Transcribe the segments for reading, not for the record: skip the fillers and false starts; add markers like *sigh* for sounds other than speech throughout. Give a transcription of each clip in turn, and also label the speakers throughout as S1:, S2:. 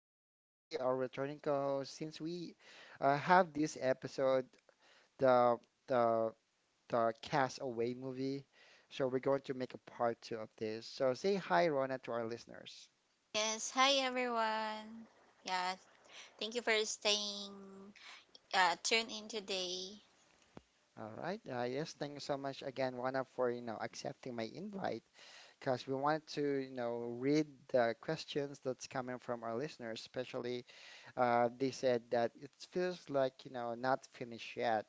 S1: who is actually our returning co-host since we have this episode the the the Castaway movie. So we're going to make a part two of this. So say hi, Rona, to our listeners.
S2: Yes, hi everyone. Yeah, thank you for staying tuned in today.
S1: All right. Yes, thank you so much again, Rona, for accepting my invite because we wanted to read the questions that's coming from our listeners, especially they said that it feels like, you know, not finished yet.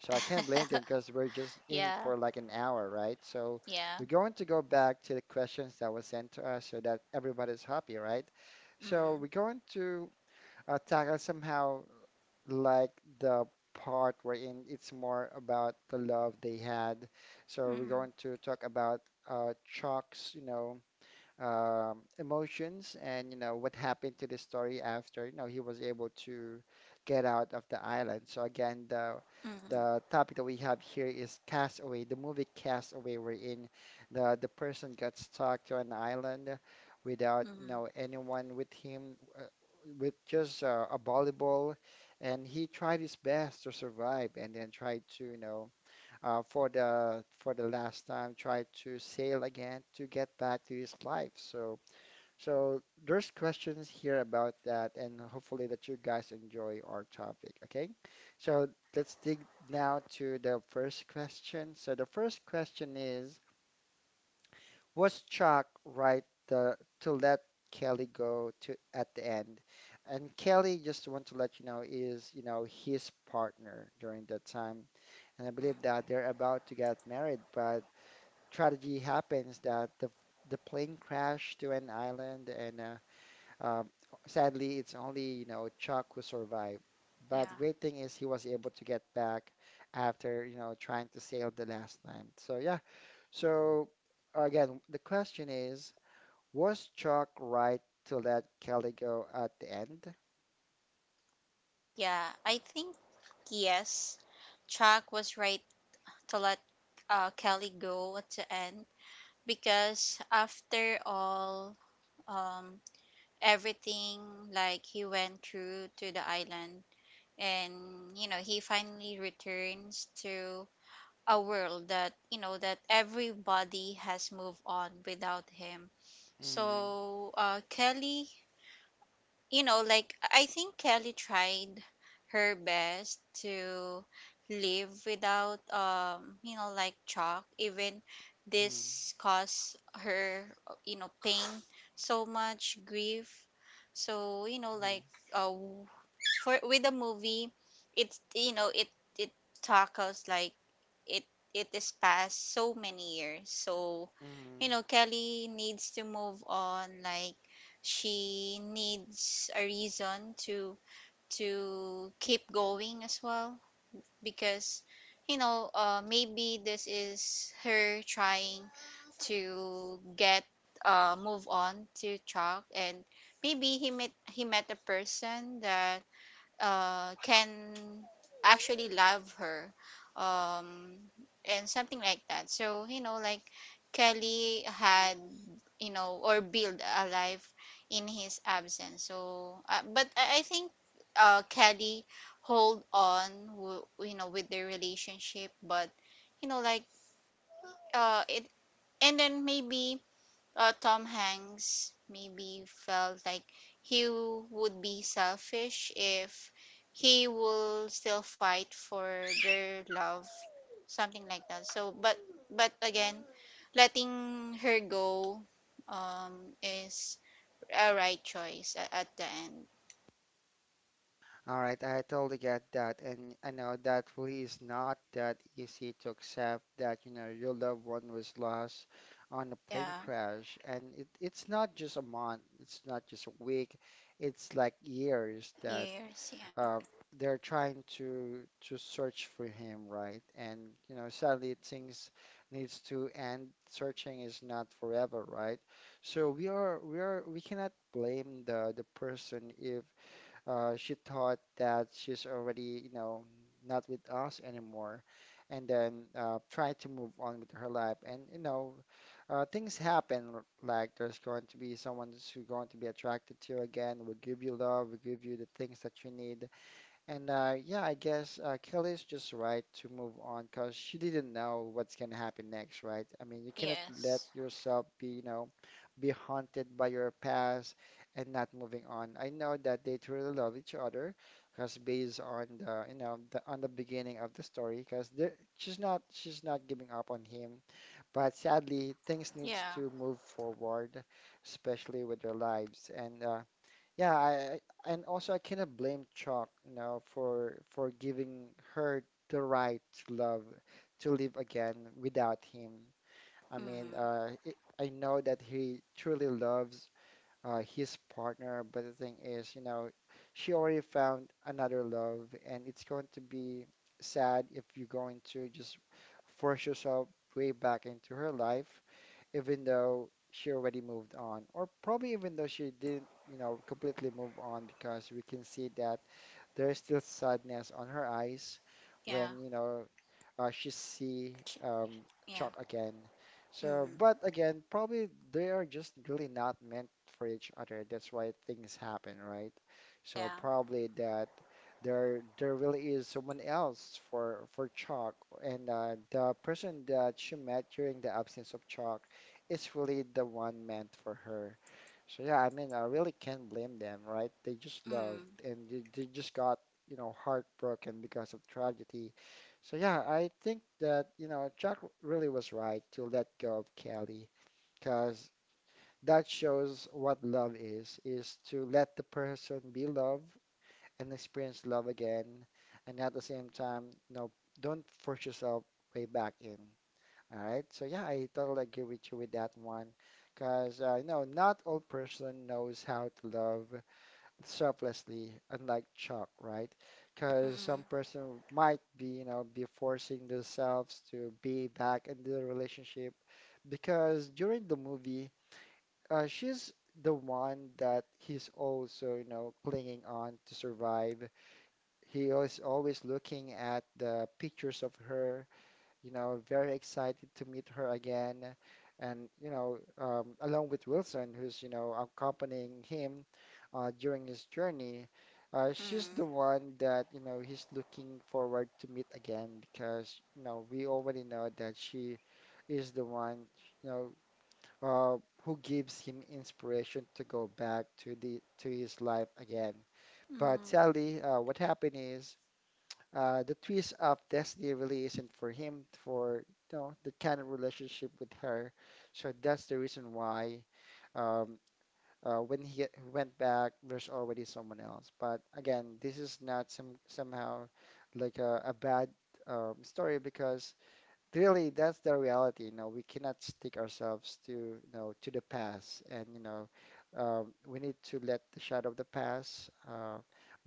S1: So I can't blame them because we're just in
S2: Yeah,
S1: for like an hour, right? So
S2: yeah.
S1: we're going to go back to the questions that were sent to us so that everybody's happy, right? So
S2: Mm.
S1: we're going to tackle somehow like the part wherein it's more about the love they had. So we're
S2: Mm.
S1: going to talk about Chuck's, you know, emotions and what happened to the story after he was able to get out of the island. So again, the
S2: Mm.
S1: the topic that we have here is Castaway, the movie Castaway, wherein the person got stuck to an island without
S2: Mm.
S1: anyone with him, with just a volleyball, and he tried his best to survive and then tried to for the last time tried to sail again to get back to his life. So there's questions here about that, and hopefully that you guys enjoy our topic. Okay, so let's dig now to the first question. So the first question is, was Chuck to let Kelly go to at the end? And Kelly, just want to let you know, is, you know, his partner during that time. And I believe that
S2: Mm.
S1: they're about to get married, but tragedy happens that the plane crashed to an island, and um sadly, it's only, you know, Chuck who survived. But
S2: Yeah.
S1: great thing is he was able to get back after, you know, trying to sail the last time. So yeah. So again, the question is, was Chuck right to let Kelly go at the end?
S2: Yeah, I think yes. Chuck was right to let Kelly go at the end, because after all, um everything, like, he went through to the island, and you know he finally returns to a world that, you know, that everybody has moved on without him.
S1: Mm,
S2: So Kelly, you know, like, I think Kelly tried her best to live without, you know, like Chuck. Even
S1: mm,
S2: this caused her, you know, pain, so much grief. So you know,
S1: mm,
S2: like, uh, for, with a movie, it's, you know, it tackles, like, it it is past so many years. So
S1: mm.
S2: you know Kelly needs to move on, like she needs a reason to keep going as well, because you know, maybe this is her trying to get, move on to Chuck. And maybe he met a person that can actually love her, um, and something like that. So you know, like, Kelly had, you know, or build a life in his absence. So, but I think, Kelly, hold on, you know, with their relationship. But you know, like, it, and then maybe Tom Hanks maybe felt like he would be selfish if he will still fight for their love, something like that. So, but again, letting her go, is a right choice at, the end.
S1: All right, I totally get that, and I know that really is not that easy to accept that, you know, your loved one was lost on a plane
S2: Yeah.
S1: crash, and it's not just a month, it's not just a week, it's like years that
S2: Yes. Yeah.
S1: uh, they're trying to search for him, right? And you know, sadly, things needs to end. Searching is not forever, right? So we cannot blame the person if she thought that she's already not with us anymore, and then try to move on with her life. And you know, things happen. Like there's going to be someone who's going to be attracted to you again, will give you love, will give you the things that you need and yeah, I guess Kelly's just right to move on because she didn't know what's gonna happen next, right? I mean, you cannot let
S2: Yes.
S1: yourself be, you know, be haunted by your past and not moving on. I know that they truly love each other because based on the, you know, the on the beginning of the story, because she's not giving up on him, but sadly things needs
S2: Yeah.
S1: to move forward, especially with their lives. And yeah, and also I cannot blame Chalk, you know, for giving her the right to love, to live again without him. I
S2: Mm.
S1: mean, I know that he truly loves his partner. But the thing is, you know, she already found another love, and it's going to be sad if you're going to just force yourself way back into her life, even though she already moved on, or probably even though she didn't, you know, completely move on, because we can see that there's still sadness on her eyes
S2: Yeah.
S1: when, you know, she see
S2: Ch-
S1: um,
S2: Yeah.
S1: Chuck again. So,
S2: Mm.
S1: but again, probably they are just really not meant for each other. That's why things happen, right? So
S2: Yeah.
S1: probably that there really is someone else for Chuck, and the person that she met during the absence of Chuck is really the one meant for her. So yeah, I mean, I really can't blame them, right? They just loved
S2: Mm.
S1: and they just got, you know, heartbroken because of tragedy. So yeah, I think that, you know, Jack really was right to let go of Kelly because that shows what love is to let the person be loved and experience love again. And at the same time, no, don't force yourself way back in. All right. So yeah, I totally agree with you with that one because, you know, not all person knows how to love selflessly, unlike Chuck, right? Because
S2: Mm.
S1: some person might be, you know, be forcing themselves to be back in the relationship because during the movie, she's the one that he's also, you know, clinging on to survive. He is always looking at the pictures of her you know, very excited to meet her again. And, you know, along with Wilson, who's, you know, accompanying him during his journey, she's the one that, you know, he's looking forward to meet again because, you know, we already know that she is the one, you know, uh, who gives him inspiration to go back to the to his life again. But
S2: Mm.
S1: sadly, what happened is the twist of destiny really isn't for him for the kind of relationship with her. So that's the reason why um, when he went back, there's already someone else. But again, this is not somehow like a bad story because really that's the reality, you know, we cannot stick ourselves to, you know, to the past. And you know, we need to let the shadow of the past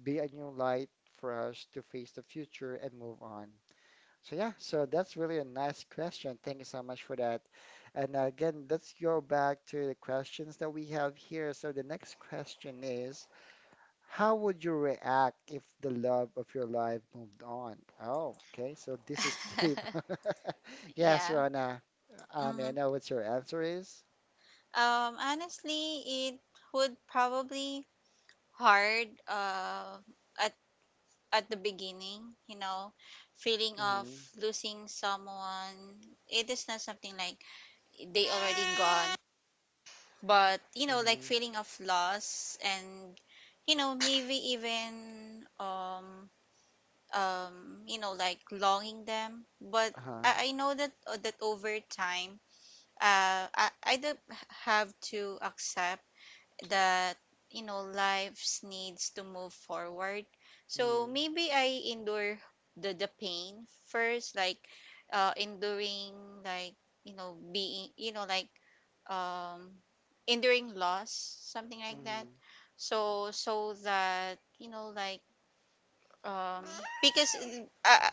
S1: be a new light for us to face the future and move on. So yeah, so that's really a nice question, thank you so much for that. And again, let's go back to the questions that we have here. So the next question is, how would you react if the love of your life moved on? Oh, okay. So this is deep.
S2: Mm. *laughs*
S1: *laughs* Yes,
S2: Yeah.
S1: Rana. May I
S2: Hmm.
S1: know what your answer is?
S2: Honestly, it would probably hard, at the beginning, you know, feeling of
S1: Mm-hmm.
S2: losing someone. It is not something like they already gone, but you know, like,
S1: Mm-hmm.
S2: feeling of loss, and you know maybe even, um you know, like, longing them. But
S1: Uh-huh.
S2: I know that, that over time, I do have to accept that you know lives needs to move forward. So
S1: Mm-hmm.
S2: maybe I endure the pain first, like, enduring, like, you know, being, you know, like, um enduring loss, something like that.
S1: Mm-hmm.
S2: So, that, you know, like, um because, uh,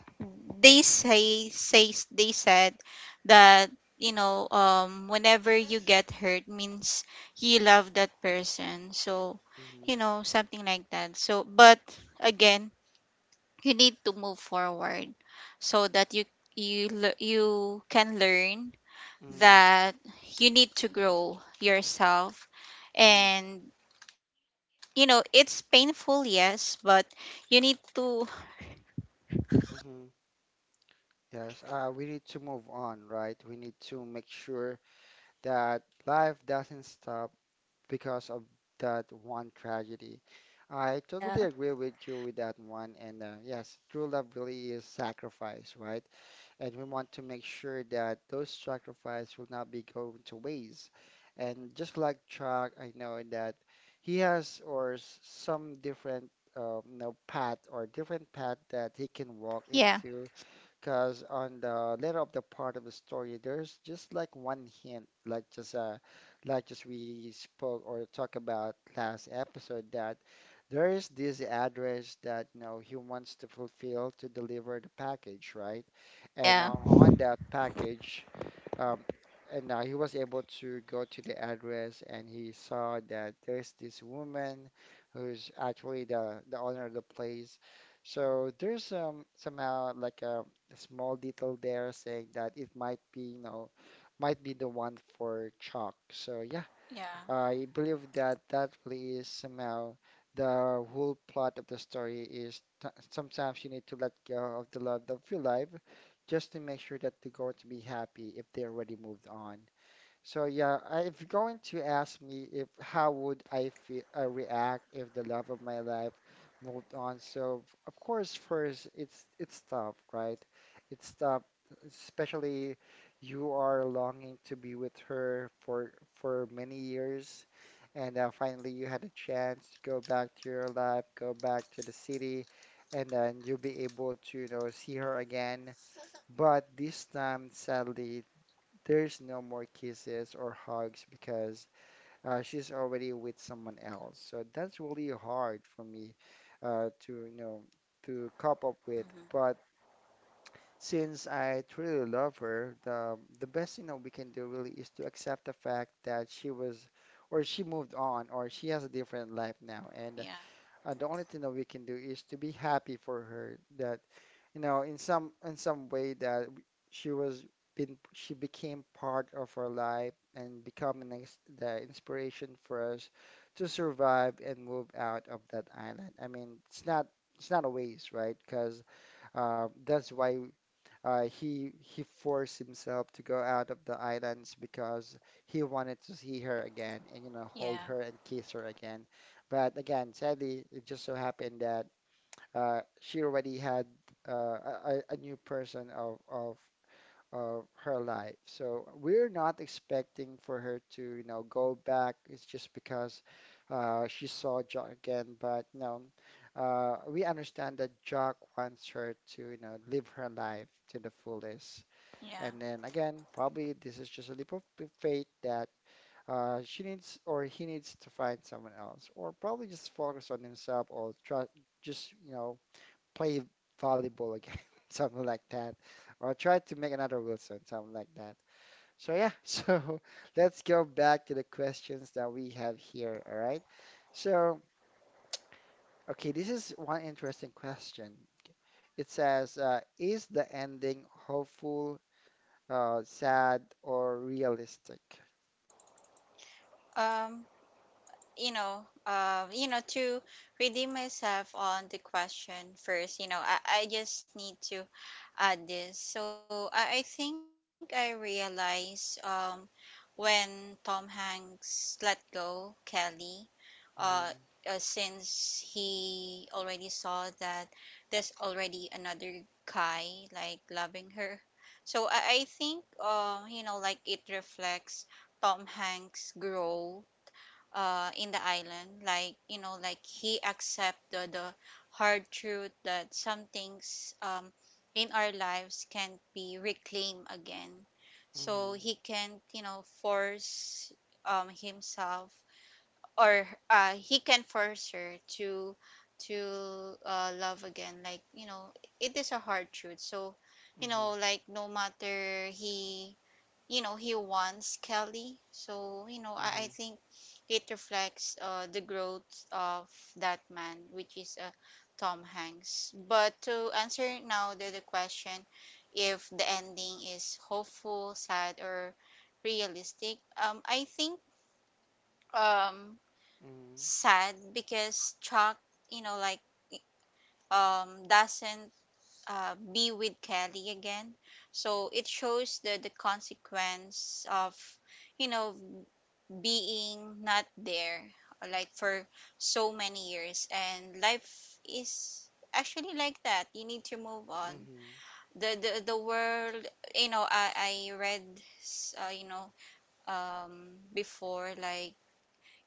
S2: they say says they said that, you know, whenever you get hurt means you love that person. So
S1: Mm-hmm.
S2: you know, something like that. So but again, you need to move forward, so that you can learn that you need to grow yourself.
S1: Mm-hmm.
S2: And you know it's painful, yes, but you need to.
S1: Mm-hmm. Yes, we need to move on, right? We need to make sure that life doesn't stop because of that one tragedy. I totally agree with you with that one. And yes, true love really is sacrifice, right? And we want to make sure that those sacrifice will not be going to waste. And just like Chuck, I know that he has some different you know, path or different path that he can walk
S2: Yeah.
S1: into because on the later of the part of the story, there's just like one hint, like just we spoke or talk about last episode that there is this address that you know he wants to fulfill to deliver the package, right? And
S2: Yeah.
S1: on that package, um, and he was able to go to the address and he saw that there's this woman who's actually the owner of the place, so there's somehow like a small detail there saying that it might be, you know, might be the one for chalk. So yeah,
S2: Yeah.
S1: I believe that that really is somehow the whole plot of the story is t sometimes you need to let go of the love of your life just to make sure that they're going to be happy if they already moved on. So yeah, if you're going to ask me if how would I feel, react if the love of my life moved on, so of course first it's tough, right? It's tough, especially you are longing to be with her for many years, and finally you had a chance to go back to your life, go back to the city, and then you'll be able to you know see her again. But this time, sadly, there's no more kisses or hugs because she's already with someone else. So that's really hard for me to, you know, to cope up with.
S2: Hmm.
S1: But since I truly love her, the best we can do really is to accept the fact that she was, or she moved on, or she has a different life now, and
S2: Yeah.
S1: the only thing that we can do is to be happy for her that, you know, in some way that she was been she became part of our life and become the inspiration for us to survive and move out of that island. I mean, it's not a waste, right? Because that's why he forced himself to go out of the islands because he wanted to see her again and hold
S2: Yeah.
S1: her and kiss her again. But again, sadly, it just so happened that she already had a new person of her life. So we're not expecting for her to go back. It's just because she saw Jock again. But no, we understand that Jock wants her to live her life to the fullest.
S2: Yeah.
S1: And then again, probably this is just a leap of faith that she needs or he needs to find someone else, or probably just focus on himself or try just play volleyball again, *laughs* something like that, or try to make another Wilson, something like that. So yeah, *laughs* so let's go back to the questions that we have here. All right. So okay, this is one interesting question. It says, is the ending hopeful, sad, or realistic?
S2: Um, to redeem myself on the question first, you know, I just need to add this. So I think I realized, when Tom Hanks let go Kelly, uh,
S1: Mm.
S2: since he already saw that there's already another guy like loving her. So I think, you know, like, it reflects Tom Hanks' grow, in the island. Like, you know, like, he accepted the hard truth that some things, in our lives can't be reclaimed again. So
S1: Mhm.
S2: he can't, you know, force, himself, or he can force her to love again, like, you know, it is a hard truth. So you
S1: Mhm.
S2: know, like, no matter, he, you know, he wants Kelly. So you know I
S1: Mhm.
S2: think it reflects, the growth of that man, which is, Tom Hanks. But to answer now the question, if the ending is hopeful, sad, or realistic, I think, um
S1: Mhm.
S2: sad, because Chuck, you know, like, doesn't be with Kelly again. So it shows the consequence of, you know, being not there, like, for so many years, and life is actually like that. You need to move on.
S1: Mhm.
S2: The world, you know, I read, you know, before, like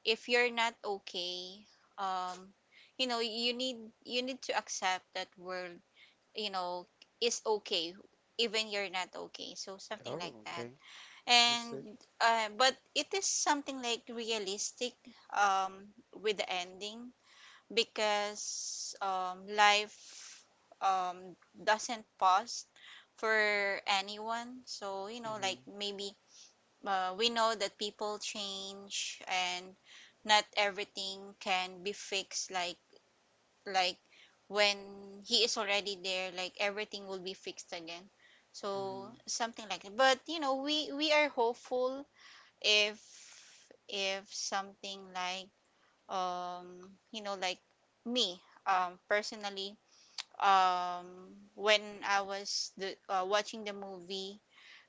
S2: if you're not okay, um you know, you need to accept that world, you know, is okay, even you're not okay, so something like
S1: Oh,
S2: that.
S1: okay. Let's
S2: And,
S1: see.
S2: but it is something like realistic, um with the ending, because life, um doesn't pause for anyone. So you know, like,
S1: Mhm.
S2: maybe, we know that people change and not everything can be fixed, like, like when he is already there, like everything will be fixed again, so
S1: Mhm.
S2: something like that. But you know we are hopeful if, something, like, you know, like, me, personally, um when I was the watching the movie,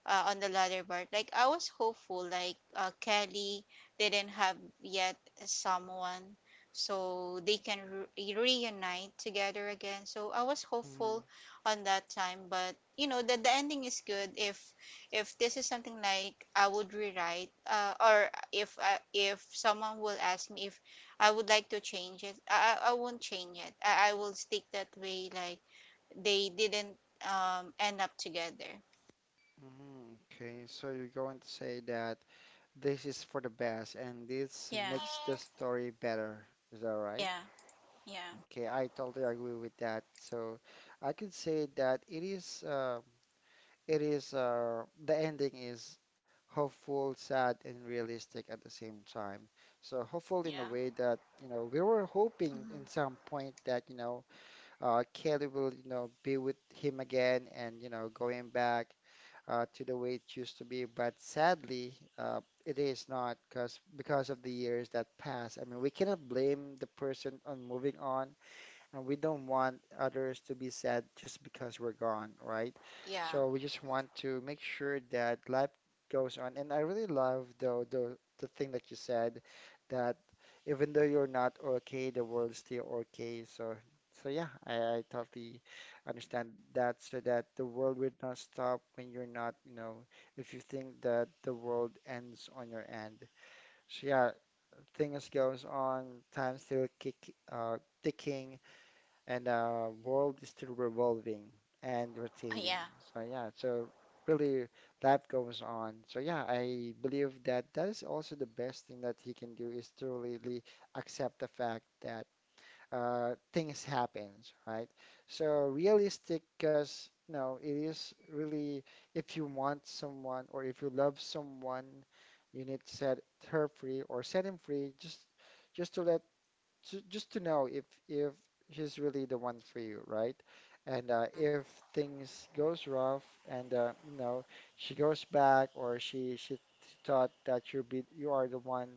S2: on the latter part. Like, I was hopeful, like, Kelly didn't have yet someone, so they can reunite together again. So I was hopeful
S1: Mhm.
S2: on that time, but you know that the ending is good. If this is something like I would rewrite, or if, if someone will ask me if I would like to change it, I won't change it. I will stick that way. Like they didn't, end up together.
S1: Mm, okay, so you're going to say that this is for the best and this
S2: Yeah.
S1: makes the story better. Is that right?
S2: Yeah. Yeah.
S1: Okay, I totally agree with that. So I could say that it is the ending is hopeful, sad, and realistic at the same time. So hopeful
S2: Yeah.
S1: in a way that we were
S2: Hmm.
S1: hoping in some point that Kelly will be with him again and going back to the way it used to be. But sadly, it is not because of the years that pass. I mean, we cannot blame the person on moving on, and we don't want others to be sad just because we're gone, right?
S2: Yeah.
S1: So we just want to make sure that life goes on. And I really love though the thing that you said that even though you're not okay, the world's still okay. so yeah, I totally understand that. So that the world will not stop when you're not, if you think that the world ends on your end. So yeah, things goes on, time still kick ticking, and world is still revolving and
S2: Yeah.
S1: rotating. So yeah, so really life goes on. So yeah, I believe that that is also the best thing that he can do is to really accept the fact that things happens, right? So realistic, because it is really if you want someone, or if you love someone, you need to set her free or set him free. Just just to know if she's really the one for you, right? And if things goes rough, and she goes back, or she thought that you are the one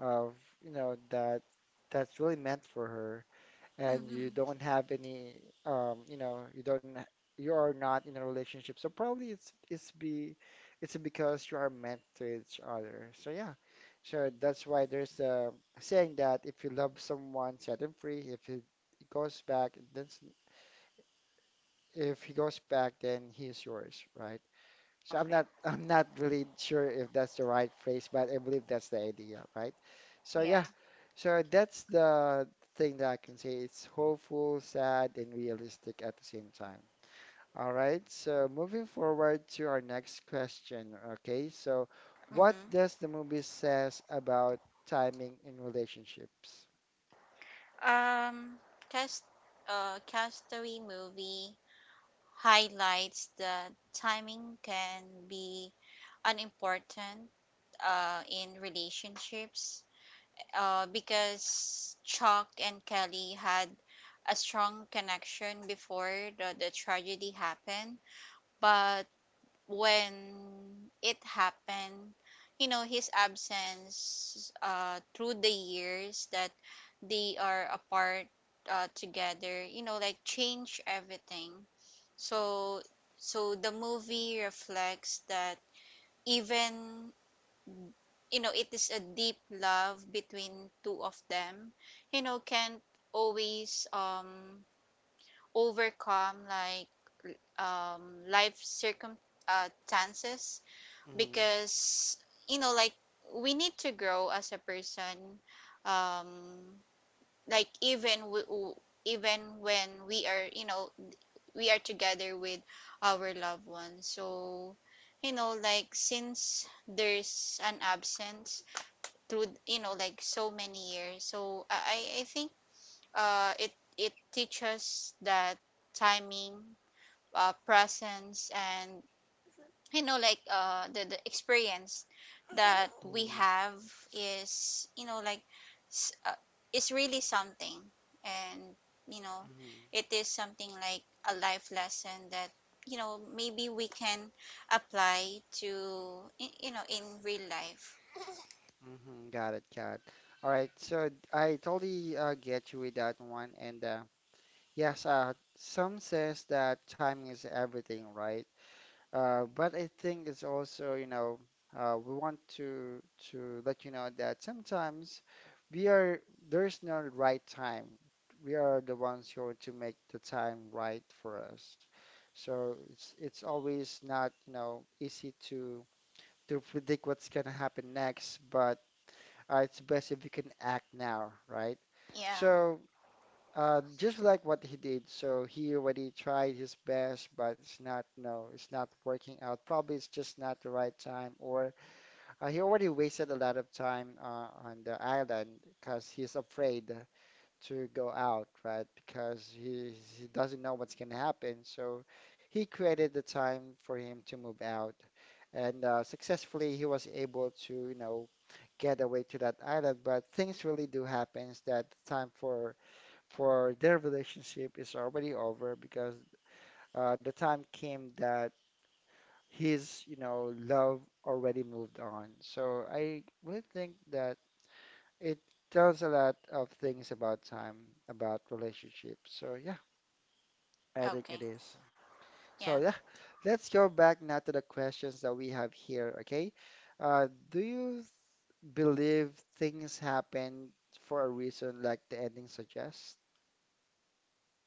S1: of, you know that that's really meant for her, and you
S2: Mm-hmm.
S1: don't have any you know you don't ha- you are not in a relationship, so probably it's because you are meant to each other. So yeah, so that's why there's a saying that if you love someone, set him free. If he goes back, then if he goes back then he is yours, right? So I'm
S2: Okay.
S1: not *laughs* I'm not really sure if that's the right phrase, but I believe that's the idea, right? So
S2: Yeah.
S1: yeah, so that's the thing that I can say. It's hopeful, sad, and realistic at the same time. All right, so moving forward to our next question. Okay, so what
S2: Mm-hmm.
S1: does the movie says about timing in relationships?
S2: Um, cast, Castaway movie highlights that timing can be unimportant, in relationships, because Chuck and Kelly had a strong connection before the tragedy happened. But when it happened, you know, his absence, through the years that they are apart, together, you know, like, change everything. So, the movie reflects that, even, you know, it is a deep love between two of them. You know, can't always, overcome, like, life circumstances,
S1: Mm-hmm.
S2: because, you know, like, we need to grow as a person, um like, even, even when we are, you know, we are together with our loved ones. So you know, like, since there's an absence through, you know, like, so many years, so I think, it teaches that timing, presence, and, you know, like, the experience that we
S1: Mm-hmm.
S2: have is, you know, like, s- uh, is really something, and, you know,
S1: Mm-hmm.
S2: it is something like a life lesson that, you know, maybe we can apply to, you know, in real life.
S1: Mm-hmm. Got it, got it. All right, so I totally get you with that one, and yes, some says that timing is everything, right? But I think it's also, we want to let you know that sometimes we are there's no right time. We are the ones who are to make the time right for us. So it's always not easy to predict what's gonna happen next, but it's best if you can act now, right? Yeah.
S2: Yeah.
S1: So. Just like what he did. So he already tried his best, but it's not working out. Probably it's just not the right time, or he already wasted a lot of time on the island because he's afraid to go out, right? Because he doesn't know what's gonna happen. So he created the time for him to move out, and successfully he was able to get away to that island. But things really do happens that time for their relationship is already over because the time came that his love already moved on. So I really think that it tells a lot of things about time, about relationships. So yeah, I think
S2: Okay.
S1: it is.
S2: Yeah.
S1: So yeah, let's go back now to the questions that we have here, okay? Do you believe things happen for a reason like the ending suggests?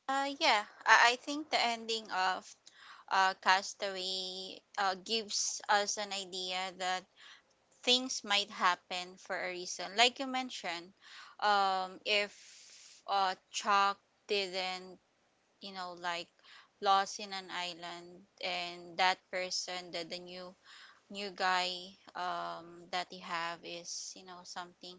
S2: yeah, I think the ending of, Castaway, gives us an idea that things might happen for a reason. Like you mentioned, if, Chuck didn't, you know, like, lost in an island, and that person, that the new guy, that he have is, you know, something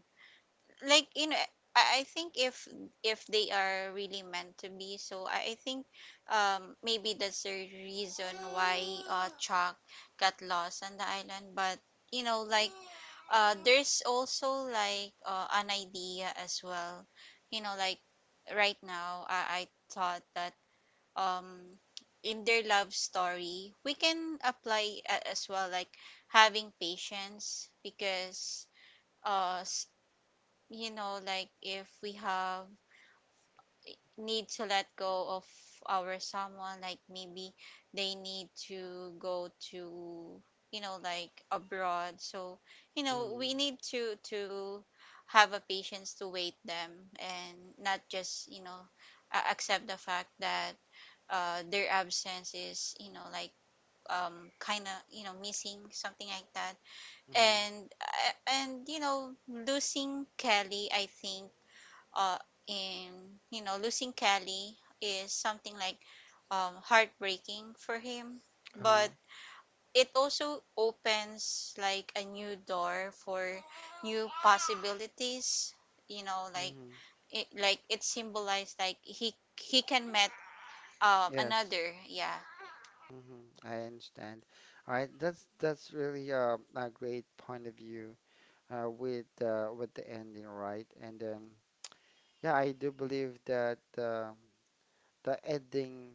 S2: like, you know, I think if, they are really meant to be, so I think, maybe that's the reason why, Chuck got lost on the island. But you know, like, there's also like, an idea as well. You know, like, right now I thought that, um in their love story we can apply, as well, like having patience. Because uh you know, like, if we have need to let go of our someone, like maybe they need to go to, you know, like, abroad. So, you know, we need to have a patience to wait them, and not just, you know, accept the fact that, their absence is, you know, like, kind of, you know, missing, something like that.
S1: Mm-hmm.
S2: And, and you know losing Kelly, I think uh, in you know, losing Kelly is something like, heartbreaking for him,
S1: Uh,
S2: but it also opens like a new door for new possibilities. You know, like it symbolized, like he can met,
S1: Yes.
S2: another. Yeah.
S1: I understand. All right, that's really a great point of view with the ending, right? And then yeah, I do believe that the ending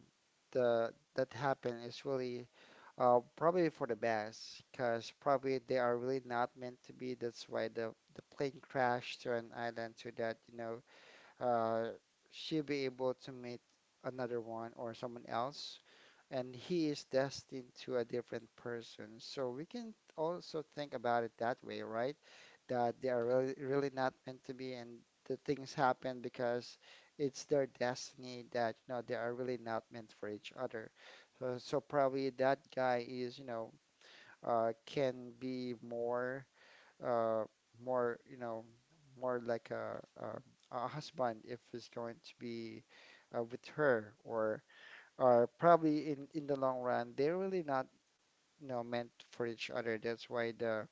S1: the that happened is really probably for the best, because probably they are really not meant to be. That's why the plane crashed to an island so that uh, she be able to meet another one or someone else, and he is destined to a different person. So we can also think about it that way, right? That they are really, really not meant to be, and the things happen because it's their destiny that they are really not meant for each other. so, probably that guy can be uh, more, you know, more like a husband if he's going to be with her, or probably in the long run, they're really not meant for each other. That's why the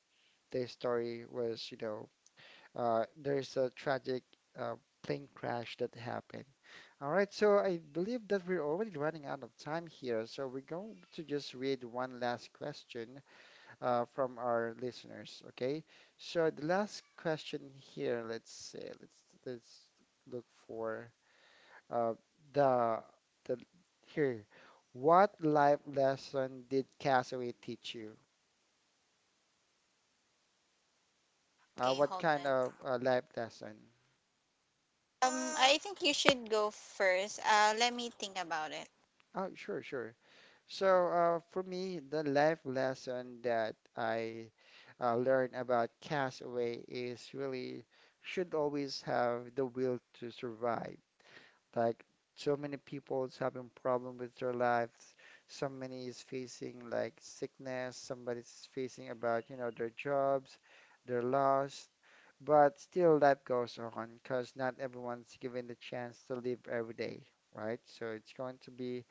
S1: the story there's a tragic uh, plane crash that happened. All right, so I believe that we're already running out of time here, so we're going to just read one last question from our listeners. Okay, so the last question here, let's say, let's look for uh, the the here. What life lesson did Castaway teach you? Uh,
S2: Okay,
S1: what
S2: hold
S1: kind
S2: on.
S1: of life lesson?
S2: I think you should go first. Let me think about it.
S1: Oh, sure, sure. So for me, the life lesson that I learned about Castaway is really should always have the will to survive. Like so many people is having problem with their lives. So many is facing like sickness. Somebody's facing about, you know, their jobs, their loss. But still life goes on because not everyone's given the chance to live every day, right? So it's going to be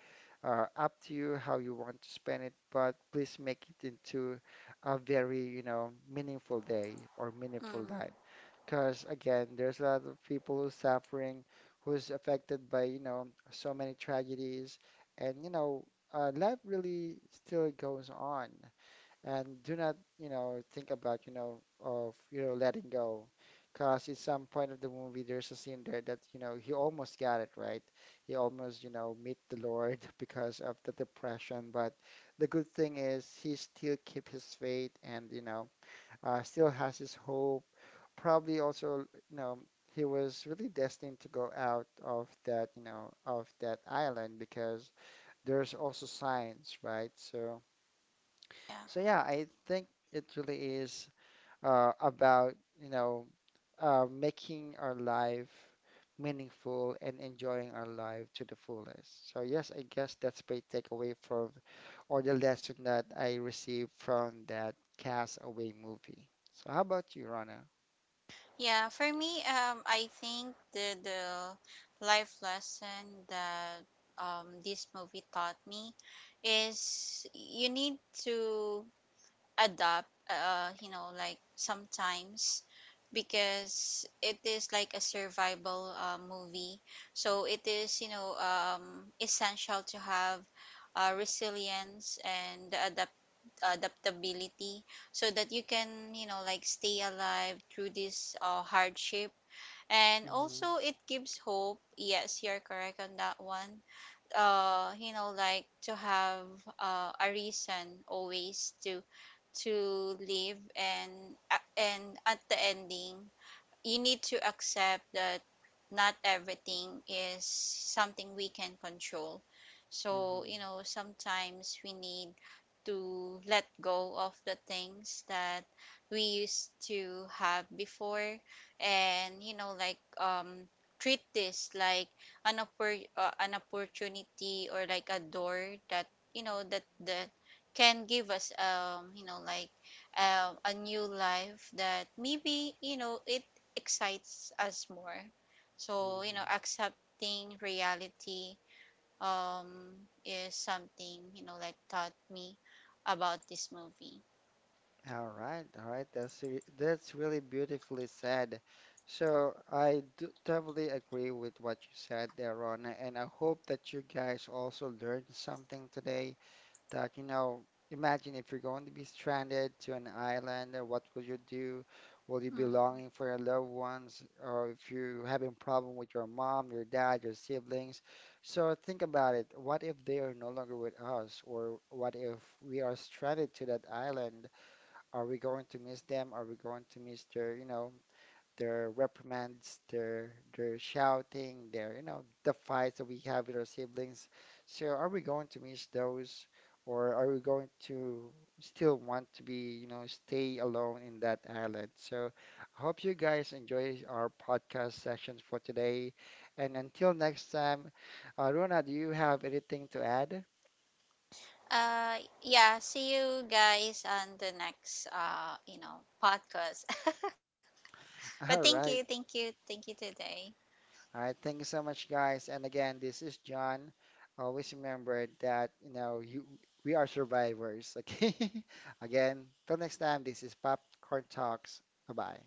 S1: up to you how you want to spend it, but please make it into a very meaningful day or meaningful
S2: Mm,
S1: life. Because again, there's a lot of people who's suffering, who's affected by so many tragedies. And, life really still goes on. And do not think of letting go. Because at some point of the movie, there's a scene there that he almost got it right. He almost meet the Lord *laughs* because of the depression. But the good thing is he still keep his faith, and still has his hope, probably also, he was really destined to go out of that island, because there's also science, right? So,
S2: yeah.
S1: so yeah, I think it really is about, you know, making our life meaningful and enjoying our life to the fullest. So yes, I guess that's my takeaway or the lesson that I received from that Castaway movie. So how about you, Rana?
S2: Yeah, for me, I think the life lesson that, this movie taught me is you need to adapt, you know, like, sometimes, because it is like a survival, movie. So it is, you know, essential to have, resilience and the adaptability, so that you can, you know, like, stay alive through this, hardship. And
S1: Mm-hmm.
S2: also it gives hope, yes, you're correct on that one. You know, like, to have, a reason always to live. And, and at the ending, you need to accept that not everything is something we can control. So,
S1: Mm-hmm.
S2: you know, sometimes we need to let go of the things that we used to have before, and, you know, like, treat this like an opportunity, or like a door, that, you know, that, that can give us, you know, like, a new life that maybe, you know, it excites us more. So you know,
S1: Mhm.
S2: accepting reality, um is something, you know, like, taught me about this movie.
S1: All right, all right. That's that's really beautifully said. So I do totally agree with what you said there, Rona, and I hope that you guys also learned something today. That you know, Imagine if you're going to be stranded to an island, what will you do? Will you be
S2: Mm.
S1: longing for your loved ones, or if you're having problem with your mom, your dad, your siblings? So think about it. What if they are no longer with us, or what if we are stranded to that island? Are we going to miss them? Are we going to miss their reprimands, their shouting, the fights that we have with our siblings? So are we going to miss those, or are we going to still want to be, you know, stay alone in that island? So I hope you guys enjoy our podcast sessions for today. And until next time, Rona, do you have anything to add?
S2: Yeah, see you guys on the next, podcast. *laughs* But
S1: *laughs*
S2: thank
S1: All
S2: you,
S1: right.
S2: thank you, thank you today.
S1: All right, thank you so much, guys. And again, this is John. Always remember that, you know, you we are survivors. Okay. *laughs* Again, till next time, this is Popcorn Talks. Bye-bye.